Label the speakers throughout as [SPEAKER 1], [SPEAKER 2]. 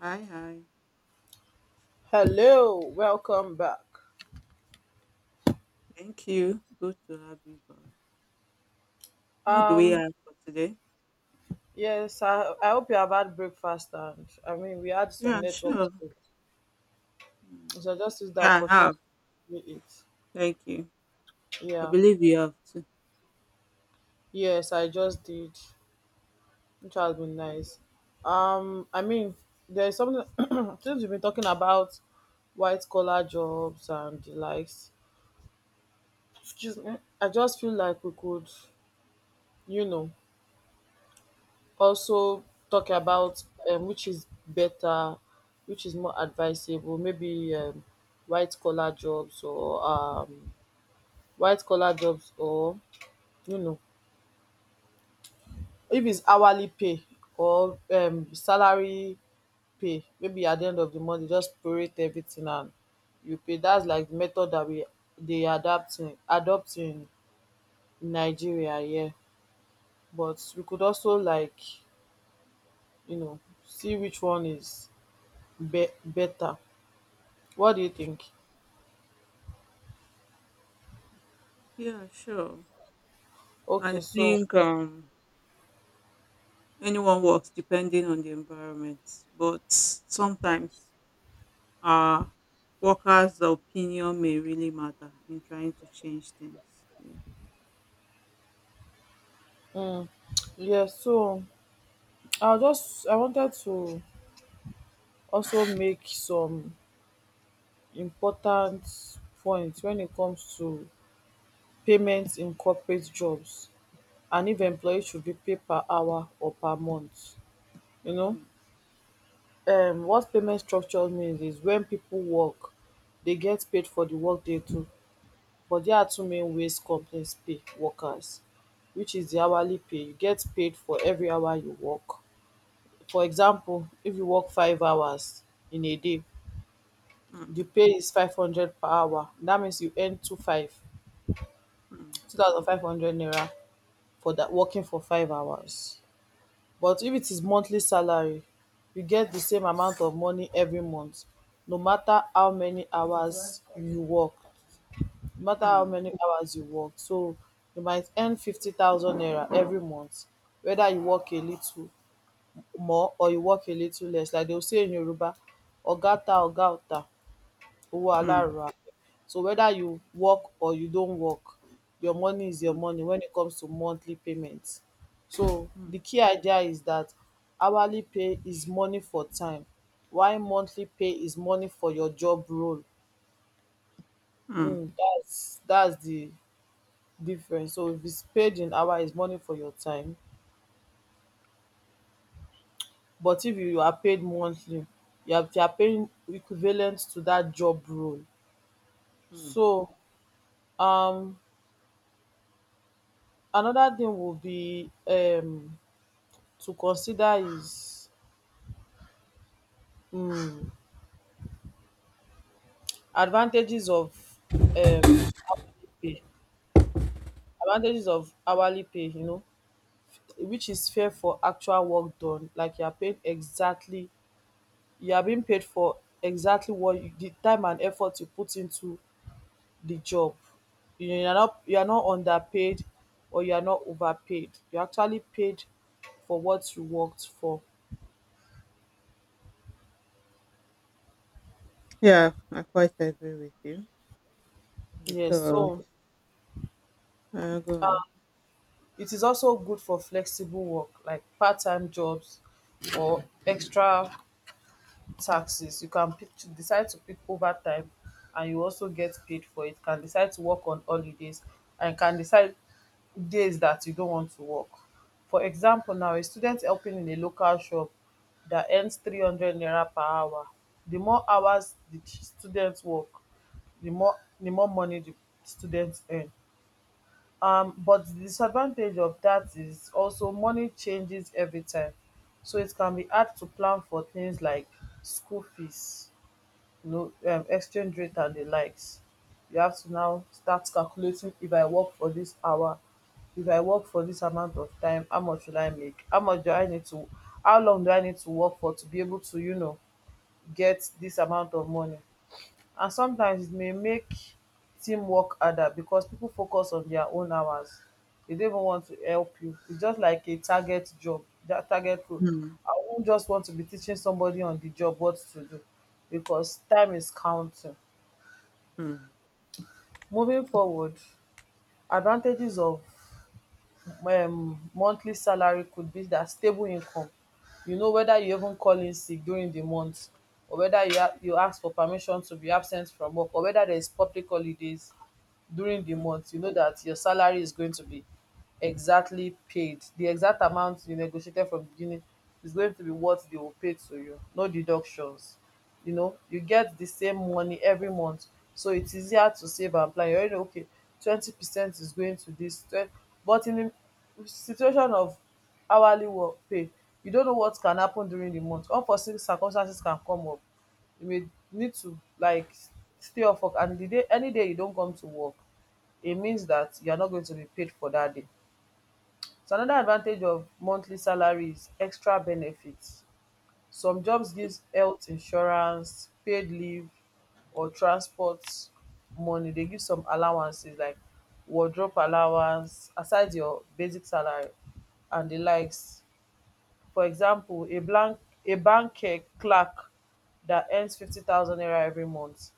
[SPEAKER 1] Hi, hi.
[SPEAKER 2] Hello, welcome back.
[SPEAKER 1] Thank you. Good to have you back. What do we
[SPEAKER 2] Um,
[SPEAKER 1] have for today?
[SPEAKER 2] yes, I hope you have had breakfast, and I mean we had some
[SPEAKER 1] Yeah,
[SPEAKER 2] network
[SPEAKER 1] sure.
[SPEAKER 2] too.
[SPEAKER 1] Mm.
[SPEAKER 2] So I just used the
[SPEAKER 1] Yeah, I
[SPEAKER 2] opportunity
[SPEAKER 1] have.
[SPEAKER 2] to do it.
[SPEAKER 1] Thank you. I
[SPEAKER 2] Yeah.
[SPEAKER 1] believe you have too.
[SPEAKER 2] Yes, I just did, which has
[SPEAKER 1] Okay,
[SPEAKER 2] been
[SPEAKER 1] great.
[SPEAKER 2] nice. I mean, there's something since we've been talking about white collar jobs and the likes. Excuse me, I just feel like we could, you know, also talk about which is better, which is more advisable, maybe white collar jobs or white collar jobs or you know if it's hourly pay or salary pay. Maybe at the end of the month they just prorate everything and you pay. That's like the method that we they adapting adopting in Nigeria here, but we could also, like, you know see which one is be better. What do you think?
[SPEAKER 1] Yeah, sure. I
[SPEAKER 2] Okay, so
[SPEAKER 1] think anyone works depending on the environment, but sometimes uh workers' opinion may really matter in trying to change things. Yeah.
[SPEAKER 2] um yeah, so I wanted to also make some important points when it comes to payments in corporate jobs, and if employees should be paid per hour or per month. You know,
[SPEAKER 1] Mm,
[SPEAKER 2] what payment structure means is when people work, they get paid for the work they do. But there are two main ways companies pay workers, which is the hourly pay. You get paid for every hour you work. For example, if you work 5 hours in a day, the
[SPEAKER 1] mm,
[SPEAKER 2] pay is 500 per hour. That means you earn
[SPEAKER 1] mm,
[SPEAKER 2] 2,500 naira for that, working for 5 hours. But if it is monthly salary, you get the same amount of money every month, no matter how many hours you work. No matter how many hours you work. So you might earn 50,000 naira every month, whether you work a little more or you work a little less. Like they will say in Yoruba, ogata ogata.
[SPEAKER 1] mm,
[SPEAKER 2] Walara. So whether you work or you don't work, your money is your
[SPEAKER 1] mm,
[SPEAKER 2] money when it comes to monthly payments. So
[SPEAKER 1] mm,
[SPEAKER 2] the key idea is that hourly pay is money for time, while monthly pay is money for your job role.
[SPEAKER 1] mm,
[SPEAKER 2] Mm, that's the difference. So if it's paid in hour, it's money for your time. But if you are paid monthly, you are paying equivalent to that job role.
[SPEAKER 1] mm.
[SPEAKER 2] So um another thing will be to consider is um advantages of um hourly pay. Advantages of hourly pay, which is fair for actual work done. Like, you are paid exactly, you are being paid for exactly what you, the time and effort you put into the job. You are not underpaid, or you are not overpaid. You are actually paid for what you worked for.
[SPEAKER 1] Yeah, I quite agree with you.
[SPEAKER 2] Yes,
[SPEAKER 1] Because
[SPEAKER 2] so
[SPEAKER 1] I go.
[SPEAKER 2] it is also good for flexible work like part-time jobs or extra taxes. You can pick decide to pick overtime and you also get paid for it. Can decide to work on holidays, and can decide days that you don't want to work. For example now, a student helping in a local shop that earns 300 naira per hour, the more hours the student work, the more the more money the student earn. But the disadvantage of that is also money changes every time, so it can be hard to plan for things like school fees, exchange rate and the likes. You have to now start calculating, if I work for this hour, if I work for this amount of time, how much will I make, how long do I need to work for to be able to get this amount of money. And sometimes it may make teamwork harder because people focus on their own hours. They don't even want to help you. It's just like a target job, that target role.
[SPEAKER 1] Mm,
[SPEAKER 2] I won't just want to be teaching somebody on the job what to do because time is counting.
[SPEAKER 1] mm,
[SPEAKER 2] Moving forward, advantages of monthly salary could be that stable income. Whether you even call in sick during the month, or whether you ask for permission to be absent from work, or whether there is public holidays during the month, you know that your salary is going to be exactly paid. The exact amount you negotiated from the beginning is going to be what they will pay to you. No deductions. You get the same money every month, so it's easier to save and plan. You already know, okay, 20% is going to this twen-, but in the situation of hourly work pay, you don't know what can happen during the month. Unforeseen circumstances can come up. You may need to, like, stay off work, and the day any day you don't come to work, it means that you are not going to be paid for that day. So another advantage of monthly salary is extra benefits. Some jobs give health insurance, paid leave, or transport money. They give some allowances like wardrobe allowance aside your basic salary and the likes. For example, a bank clerk that earns 50,000 naira every month,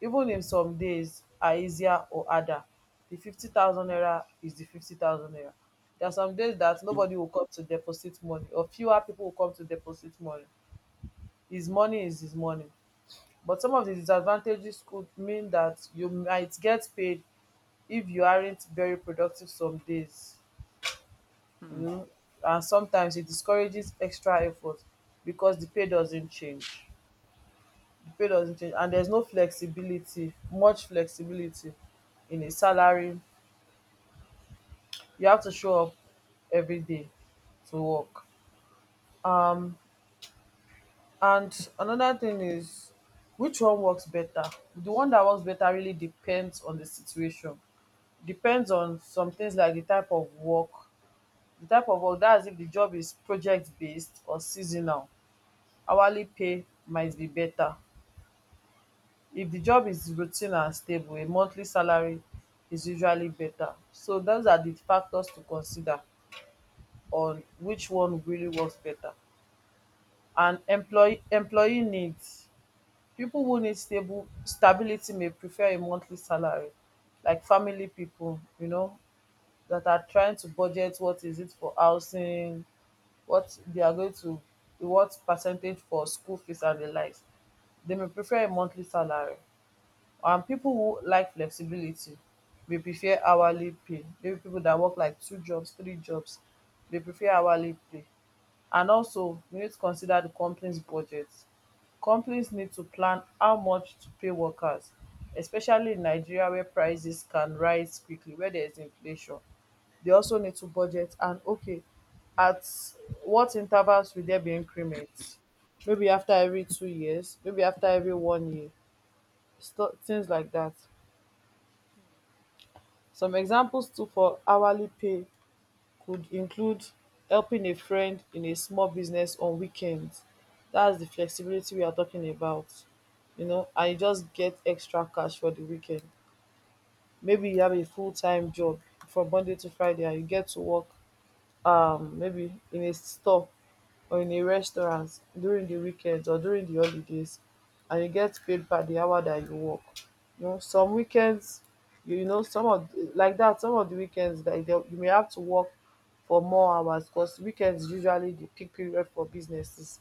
[SPEAKER 2] even if some days are easier or harder, the 50,000 naira is the 50,000 naira. There are some days that
[SPEAKER 1] mm,
[SPEAKER 2] nobody will come to deposit money, or fewer people will come to deposit money. His money is his money. But some of the disadvantages could mean that you might get paid if you aren't very productive some days.
[SPEAKER 1] mm,
[SPEAKER 2] um and sometimes it discourages extra effort because the pay doesn't change. The pay doesn't change, and there's no flexibility, much flexibility in a salary. You have to show up every day to work. um And another thing is, which one works better? The one that works better really depends on the situation. Depends on some things like the type of work. The type of work, that's if the job is project based or seasonal, hourly pay might be better. If the job is routine and stable, a monthly salary is usually better. So those are the factors to consider on which one really works better. And employee needs. People who need stable stability may prefer a monthly salary, like family people, that are trying to budget, what is it for housing, what they are going to, what percentage for school fees and the likes. They may prefer a monthly salary. People who like flexibility dey prefer hourly pay, maybe people that work like two jobs, three jobs, they prefer hourly pay. And also, we need to consider the company's budget. Companies need to plan how much to pay workers, especially in Nigeria, where prices can rise quickly, where there is inflation. They also need to budget, and okay, at what intervals will there be increments? Maybe after every 2 years, maybe after every one year, things like that. Some examples too for hourly pay could include helping a friend in a small business on weekends. That's the flexibility we are talking about, and you just get extra cash for the weekend. Maybe you have a full time job from Monday to Friday, and you get to work, maybe in a store or in a restaurant during the weekends or during the holidays, and you get paid per the hour that you work. Some weekends, some of like that, some of the weekends that you may have to work for more hours because weekends usually the peak period for businesses,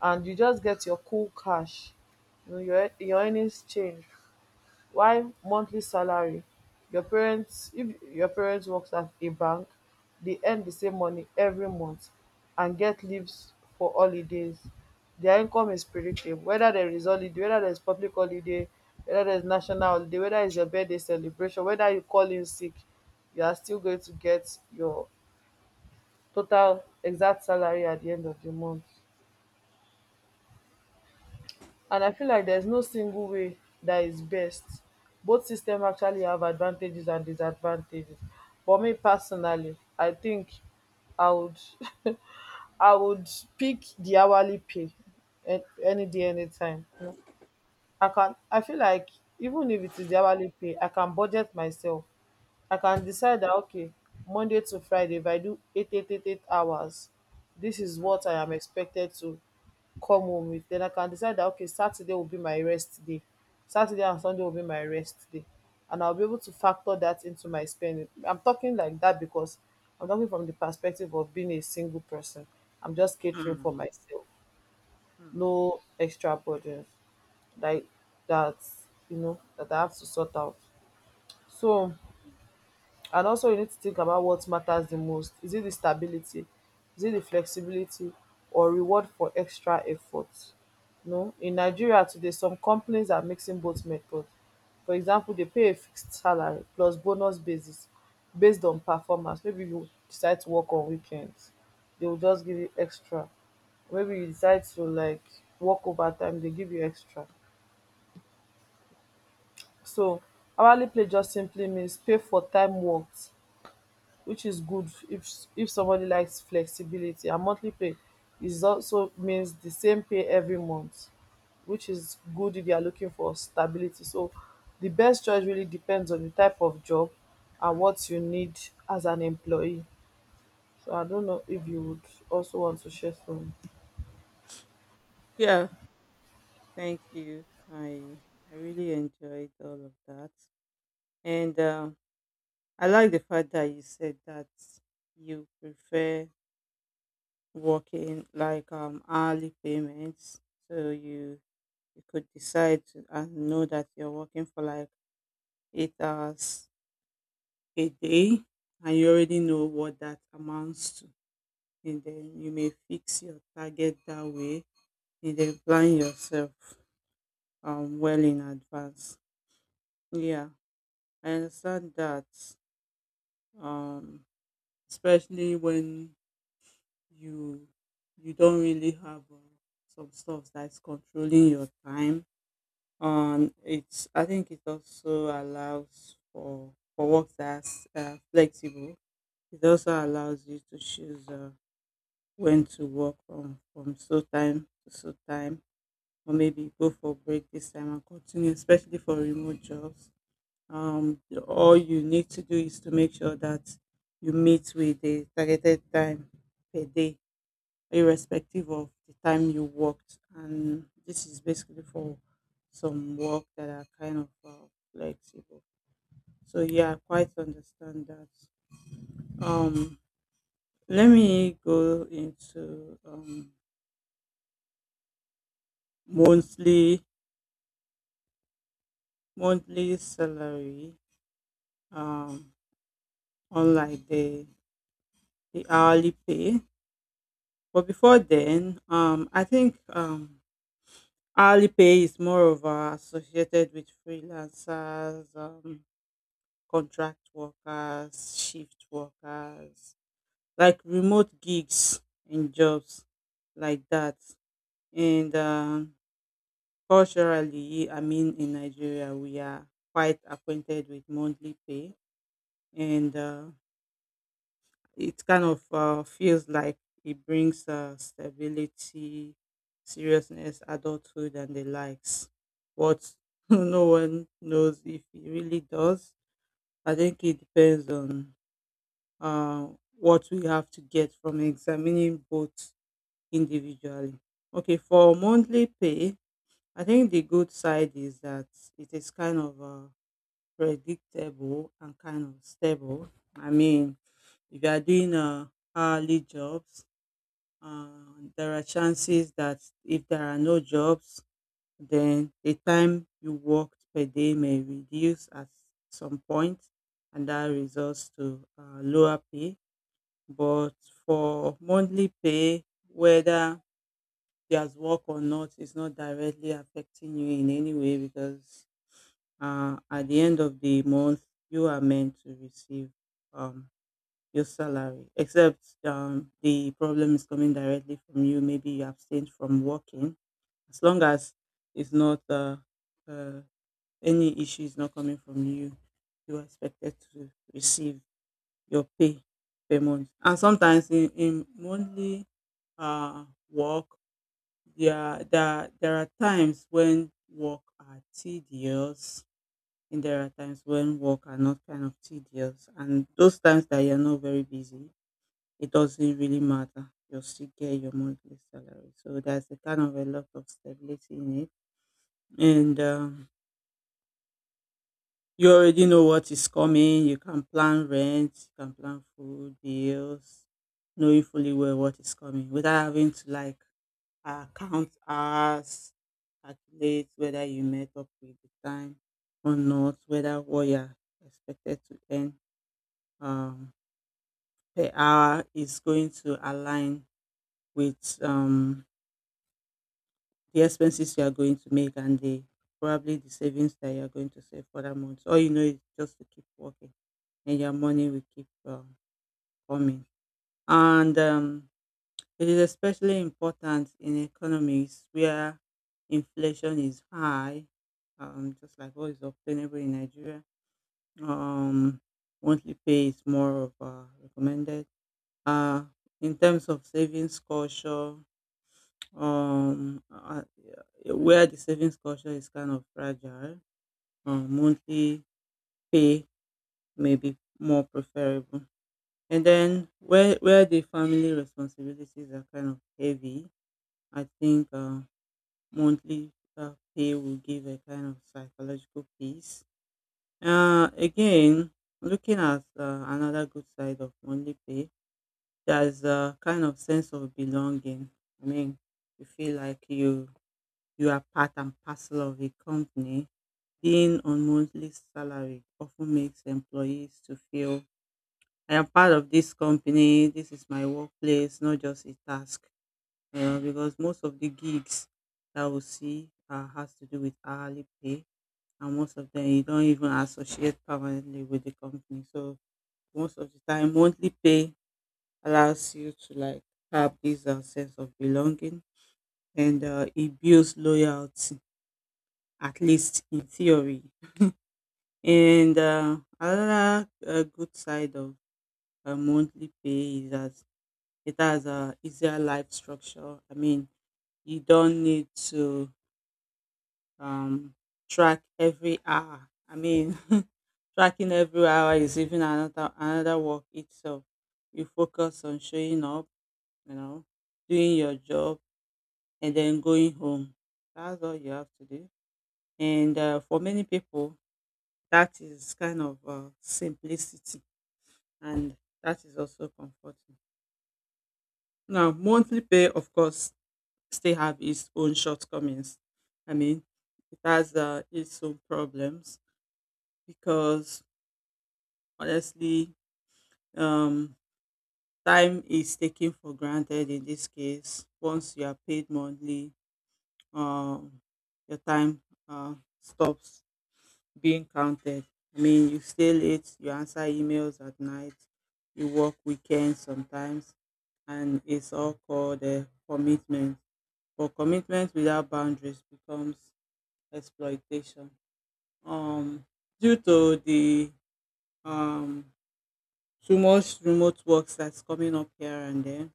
[SPEAKER 2] and you just get your cool cash. Your earnings change, while monthly salary, your parents if your parents works at a bank, they earn the same money every month and get leaves for holidays. Their income is predictable, whether there is holiday, whether there is public holiday, whether there is national holiday, whether it's your birthday celebration, whether you call in sick, you are still going to get your total exact salary at the end of the month. And I feel like there's no single way that is best. Both systems actually have advantages and disadvantages. For me personally, I think I would I would pick the hourly pay any day, anytime. I feel like, even if it is the hourly pay, I can budget myself. I can decide that, okay, Monday to Friday, if I do eight hours, this is
[SPEAKER 1] mm,
[SPEAKER 2] what I am expected to come home with. Then I can decide that, okay, Saturday will be my rest day, Saturday and Sunday will be my rest day, and I'll be able to factor that into my spending. I'm talking like that because I'm talking from the perspective of being a single person. I'm just catering
[SPEAKER 1] mm,
[SPEAKER 2] for myself,
[SPEAKER 1] mm.
[SPEAKER 2] no extra burden like that. You know that I have to sort out. So, and also, you need to think about what matters the most. Is it the stability, is it the flexibility, or reward for extra effort? No, in Nigeria today some companies are mixing both methods. For example, they pay a fixed salary plus bonus basis based on performance. Maybe you decide to work on weekends, they will just give you extra. Maybe you decide to, like, work overtime, they give you extra. So hourly pay just simply means pay for time worked, which is good if somebody likes flexibility. And monthly pay is also means the same pay every month, which is good if you are looking for stability. So the best choice really depends on the type of job and what you need as an employee. So I don't know if you would also want to share some.
[SPEAKER 1] Yeah, thank you. I really enjoyed all of that, and I like the fact that you said that you prefer working like hourly payments, so you could decide to and know that you're working for like 8 hours a day, and you already know what that amounts to. And then you may fix your target that way and then plan yourself, well in advance. Yeah, I understand that. Um, especially when you you don't really have some stuff that's controlling your time. It's I think it also allows for work that's flexible. It also allows you to choose, when to work from so time to so time, or maybe go for a break this time and continue, especially for remote jobs. Um, all you need to do is to make sure that you meet with the targeted time per day, irrespective of the time you worked. And this is basically for some work that are kind of flexible. So yeah, I quite understand that. Um, let me go into monthly monthly salary. Um, unlike the hourly pay. But before then, I think hourly pay is more of, associated with freelancers, contract workers, shift workers, like remote gigs and jobs like that. And culturally, I mean, in Nigeria, we are quite acquainted with monthly pay, and it kind of feels like it brings, stability, seriousness, adulthood, and the likes. But no one knows if it really does. I think it depends on uh, what we have to get from examining both individually. Okay, for monthly pay, I think the good side is that it is kind of predictable and kind of stable. I mean, if you are doing hourly jobs, there are chances that if there are no jobs, then the time you worked per day may reduce at some point, and that results to lower pay. But for monthly pay, whether there's work or not, is not directly affecting you in any way, because at the end of the month, you are meant to receive um, your salary, except the problem is coming directly from you. Maybe you abstained from working. As long as it's not uh, any issue is not coming from you, you are expected to receive your pay per month. And sometimes in monthly work, there are times when work are tedious. And there are times when work are not kind of tedious, and those times that you're not very busy, it doesn't really matter. You'll still get your monthly salary. So there's a kind of a lot of stability in it. And you already know what is coming. You can plan rent, you can plan food, bills, knowing fully well what is coming, without having to, like, count hours, calculate whether you met up with the time or not, whether what you're expected to earn um, per hour is going to align with the expenses you are going to make and the probably the savings that you are going to save for that month. All you know is just to keep working and your money will keep coming. And it is especially important in economies where inflation is high, just like what is obtainable in Nigeria. Um, monthly pay is more of recommended. Uh, in terms of savings culture, yeah, where the savings culture is kind of fragile, monthly pay may be more preferable, and then where the family responsibilities are kind of heavy, I think monthly pay will give a kind of psychological peace. Again, looking at another good side of monthly pay, there's a kind of sense of belonging. I mean, you feel like you are part and parcel of a company. Being on monthly salary often makes employees to feel I am part of this company. This is my workplace, not just a task. Because most of the gigs that we see has to do with hourly pay, and most of them you don't even associate permanently with the company. So most of the time, monthly pay allows you to, like, have this sense of belonging, and it builds loyalty, at least in theory. And, another, good side of a monthly pay is that it has a easier life structure. I mean, you don't need to, um, track every hour. I mean, tracking every hour is even another work itself. You focus on showing up, you know, doing your job, and then going home. That's all you have to do. And for many people, that is kind of simplicity, and that is also comforting. Now, monthly pay, of course, still have its own shortcomings. I mean, it has its own problems, because honestly, um, time is taken for granted in this case. Once you are paid monthly, um, your time uh, stops being counted. I mean, you stay late, you answer emails at night, you work weekends sometimes, and it's all called a commitment. But commitment without boundaries becomes exploitation. Um, due to the um, too much remote works that's coming up here and there,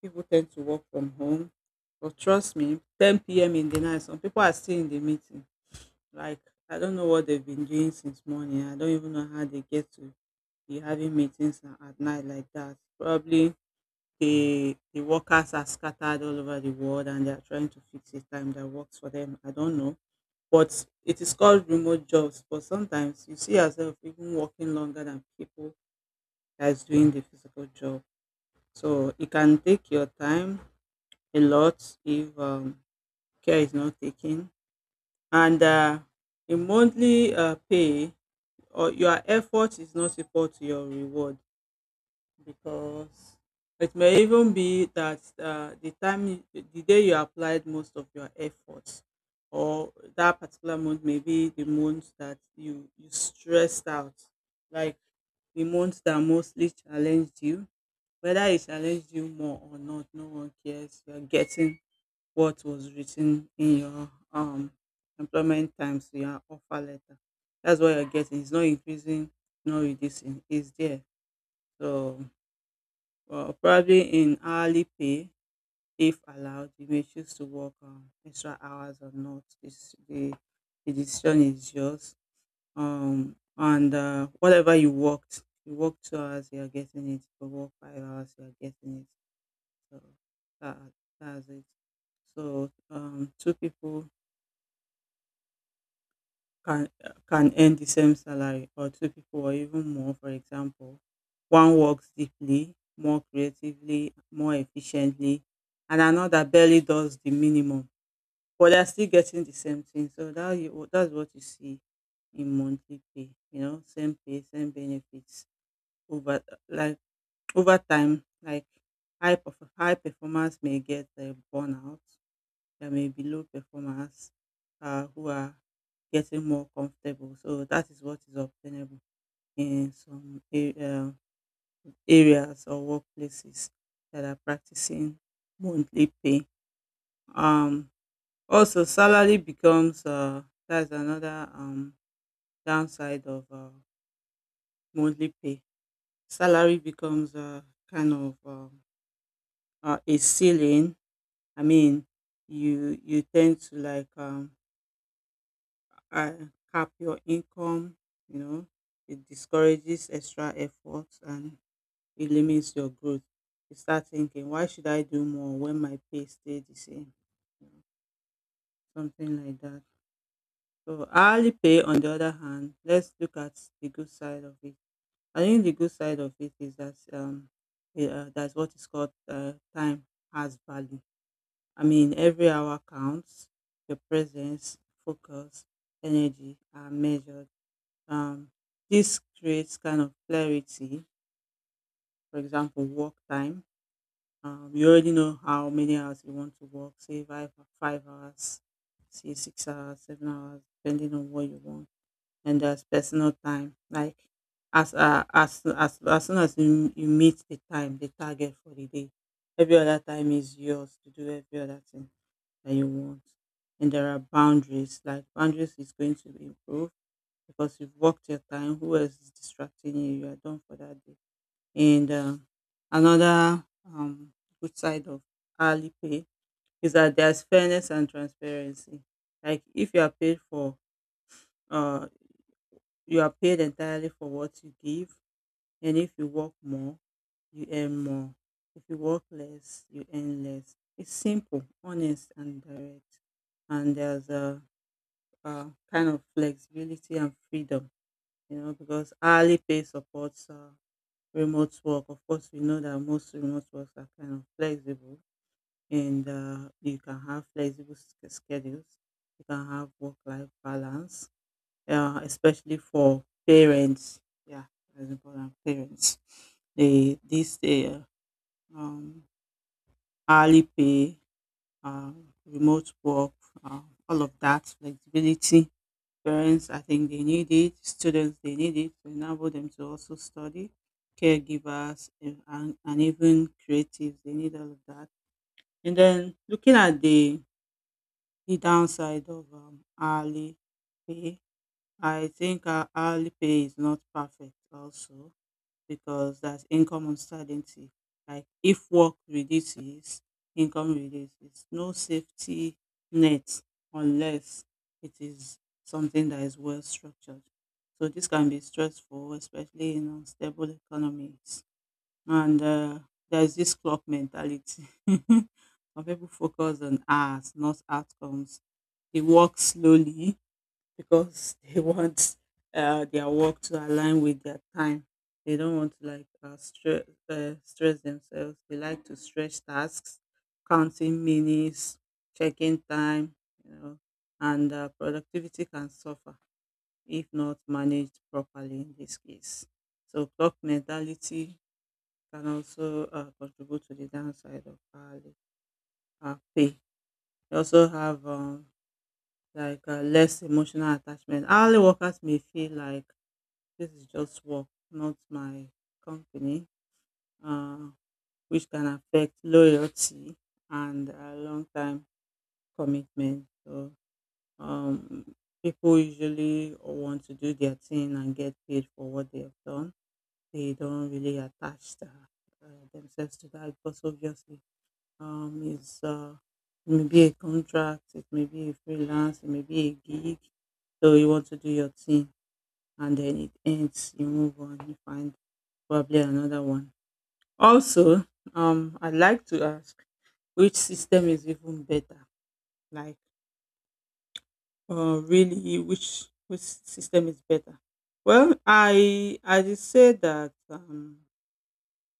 [SPEAKER 1] people tend to work from home. But trust me, 10 p.m. in the night, some people are still in the meeting. Like, I don't know what they've been doing since morning. I don't even know how they get to be having meetings at night like that. Probably the workers are scattered all over the world and they are trying to fix a time that works for them. I don't know. But it is called remote jobs. But sometimes you see yourself even working longer than people that is doing the physical job. So it can take your time a lot if care is not taken. And in monthly pay, or your effort is not equal to your reward, because it may even be that the day you applied most of your efforts, or that particular month may be the month that you stressed out, like the month that mostly challenged you. Whether it challenged you more or not, no one cares. You're getting what was written in your employment times, your offer letter. That's what you're getting. It's not increasing, not reducing, it's there. So, well, probably in hourly pay, if allowed, you may choose to work extra hours or not. It's the decision is yours. And whatever you worked, you work 2 hours, you are getting it. You work 5 hours, you are getting it. So that, that's it. So two people can can earn the same salary, or two people or even more. For example, one works deeply, more creatively, more efficiently, and another barely does the minimum, but they're still getting the same thing. So that's what you see in monthly pay. You know, same pay, same benefits over, like, over time, like high performers may get a burnout. There may be low performers, who are getting more comfortable. So that is what is obtainable in some areas or workplaces that are practicing monthly pay. Um, also, salary becomes, that's another downside of monthly pay. Salary becomes kind of a ceiling. I mean, you tend to, like, uh, cap your income. You know, it discourages extra efforts, and it limits your growth. You start thinking, why should I do more when my pay stay the same? You know, something like that. So hourly pay, on the other hand, let's look at the good side of it. I think the good side of it is that that's what is called time has value. I mean, every hour counts. Your presence, focus, energy are measured. Um, this creates kind of clarity. For example, work time. You already know how many hours you want to work, say five, 5 hours, say 6 hours, 7 hours, depending on what you want. And there's personal time. Like, as soon as you meet the time, the target for the day, every other time is yours to do every other thing that you want. And there are boundaries. Like boundaries is going to improve because you've worked your time. Who else is distracting you? You are done for that day and another good side of hourly pay is that there's fairness and transparency. Like if you are paid for, uh, you are paid entirely for what you give, and if you work more, you earn more. If you work less, you earn less. It's simple, honest, and direct. And there's a kind of flexibility and freedom, you know, because hourly pay supports remote work. Of course, we know that most remote works are kind of flexible, and you can have flexible schedules. You can have work-life balance, especially for parents. Yeah, that's important. Parents, they this um, hourly pay, uh, remote work, uh, all of that flexibility Parents, I think they need it. Students, they need it to enable them to also study. Caregivers and even creatives, they need all of that. And then looking at the downside of hourly pay, I think our hourly pay is not perfect also because that's income uncertainty. Like if work reduces, income reduces. No safety net unless it is something that is well structured. So this can be stressful, especially in unstable economies. And there's this clock mentality. Some people focus on hours, not outcomes. They work slowly because they want their work to align with their time. They don't want to like stress themselves. They like to stretch tasks, counting minutes, checking time, you know, and productivity can suffer if not managed properly in this case. So clock mentality can also contribute to the downside of hourly pay. We also have less emotional attachment. Hourly workers may feel like this is just work, not my company, uh, which can affect loyalty and long time commitment. So, um, people usually want to do their thing and get paid for what they have done. They don't really attach themselves to that because obviously um, it's uh, it may be a contract, it may be a freelance, it may be a gig. So you want to do your thing and then it ends, you move on, you find probably another one. Also, I'd like to ask, which system is even better? Like, really, which system is better? Well, I did say that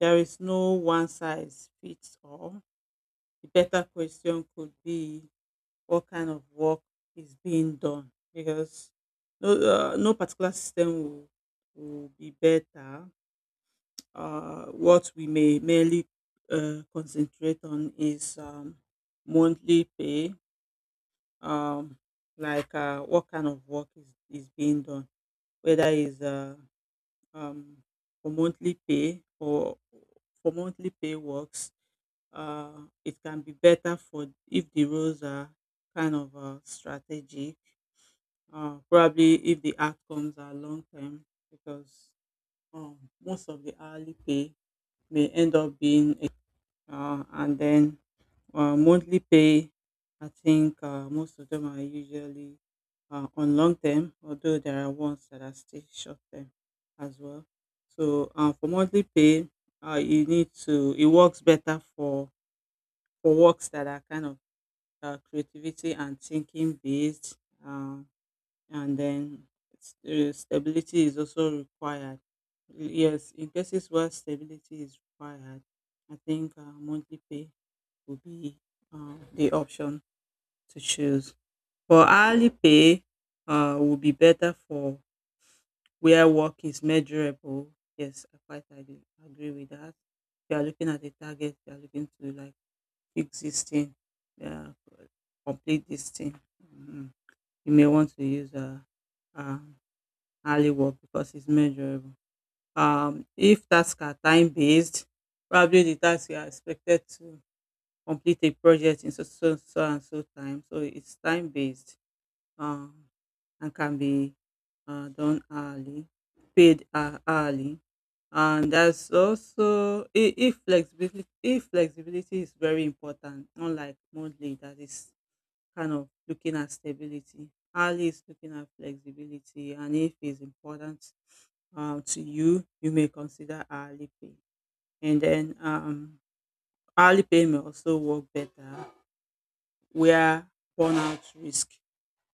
[SPEAKER 1] there is no one size fits all. The better question could be what kind of work is being done, because no particular system will be better. What we may merely concentrate on is monthly pay, um, what kind of work is being done, whether it's um, for monthly pay or for monthly pay works. It can be better for if the roles are kind of strategic, probably if the outcomes are long term, because um, most of the hourly pay may end up being. And then monthly pay, I think most of them are usually on long term, although there are ones that are still short term as well. So for monthly pay, you need to, it works better for works that are kind of creativity and thinking based. Uh, and then stability is also required. Yes, in cases where stability is required, I think monthly pay would be the option to choose. For hourly pay, would be better for where work is measurable. Yes, I quite agree with that. If you are looking at a target, you are looking to like fix this thing, yeah, complete this thing. Mm. You may want to use a hourly work because it's measurable. If tasks are time based, probably the tasks you are expected to complete a project in so so so and so time. So it's time based um, and can be done hourly, paid hourly. And that's also if flexibility is very important, unlike monthly that is kind of looking at stability. Hourly is looking at flexibility, and if it's important to you, you may consider hourly pay. And then hourly pay may also work better where burnout risk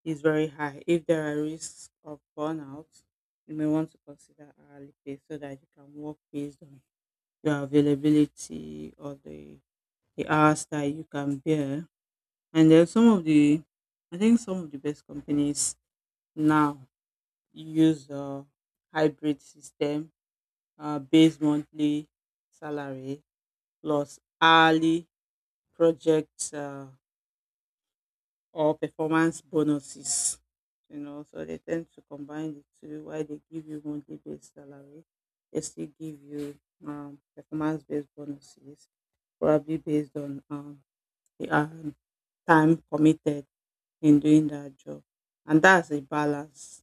[SPEAKER 1] is very high. If there are risks of burnout, you may want to consider hourly pay so that you can work based on your availability or the hours that you can bear. And then some of the, I think some of the best companies now use a hybrid system, base monthly salary plus hourly project or performance bonuses, you know, so they tend to combine the two while they give you monthly based salary. They still give you performance based bonuses, probably based on the time committed in doing that job. And that's a balance,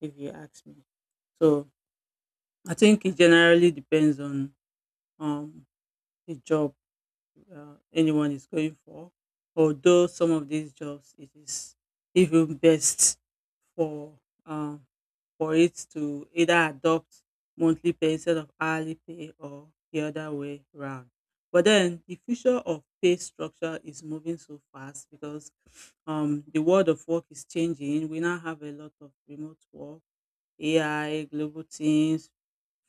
[SPEAKER 1] if you ask me. So I think it generally depends on um, the job anyone is going for. Although some of these jobs, it is even best for um, for it to either adopt monthly pay instead of hourly pay or the other way round. But then the future of pay structure is moving so fast because the world of work is changing. We now have a lot of remote work, AI, global teams,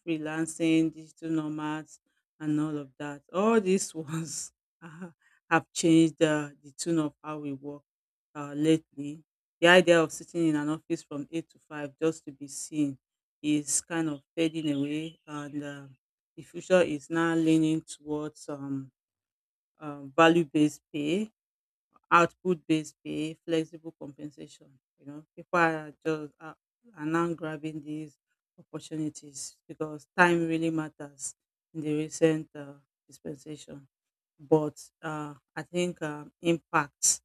[SPEAKER 1] freelancing, digital nomads, and all of that. All these ones ah, have changed the tune of how we work lately. The idea of sitting in an office from 8 to 5 just to be seen is kind of fading away, and the future is now leaning towards value based pay, output-based pay, flexible compensation. You know, people are are now grabbing these opportunities because time really matters in the recent dispensation. But I think impact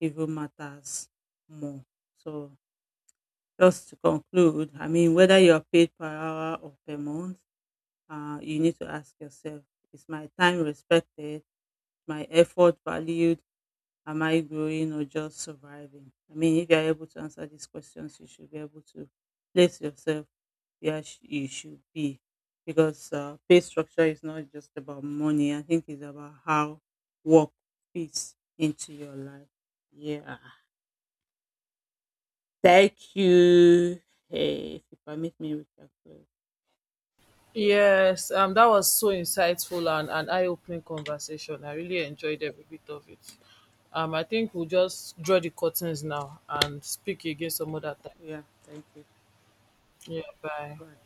[SPEAKER 1] even matters more. So just to conclude, I mean, whether you are paid per hour or per month, you need to ask yourself: Is my time respected? My effort valued? Am I growing or just surviving? I mean, if you're able to answer these questions, you should be able to place yourself where you should be. Because pay structure is not just about money, I think it's about how work fits into your life. Yeah. Thank you. Hey, if you permit me, we can close.
[SPEAKER 2] Yes, that was so insightful and an eye-opening conversation. I really enjoyed every bit of it. I think we'll just draw the curtains now and speak again some other time.
[SPEAKER 1] Yeah, thank you.
[SPEAKER 2] Yeah, bye.
[SPEAKER 1] Bye.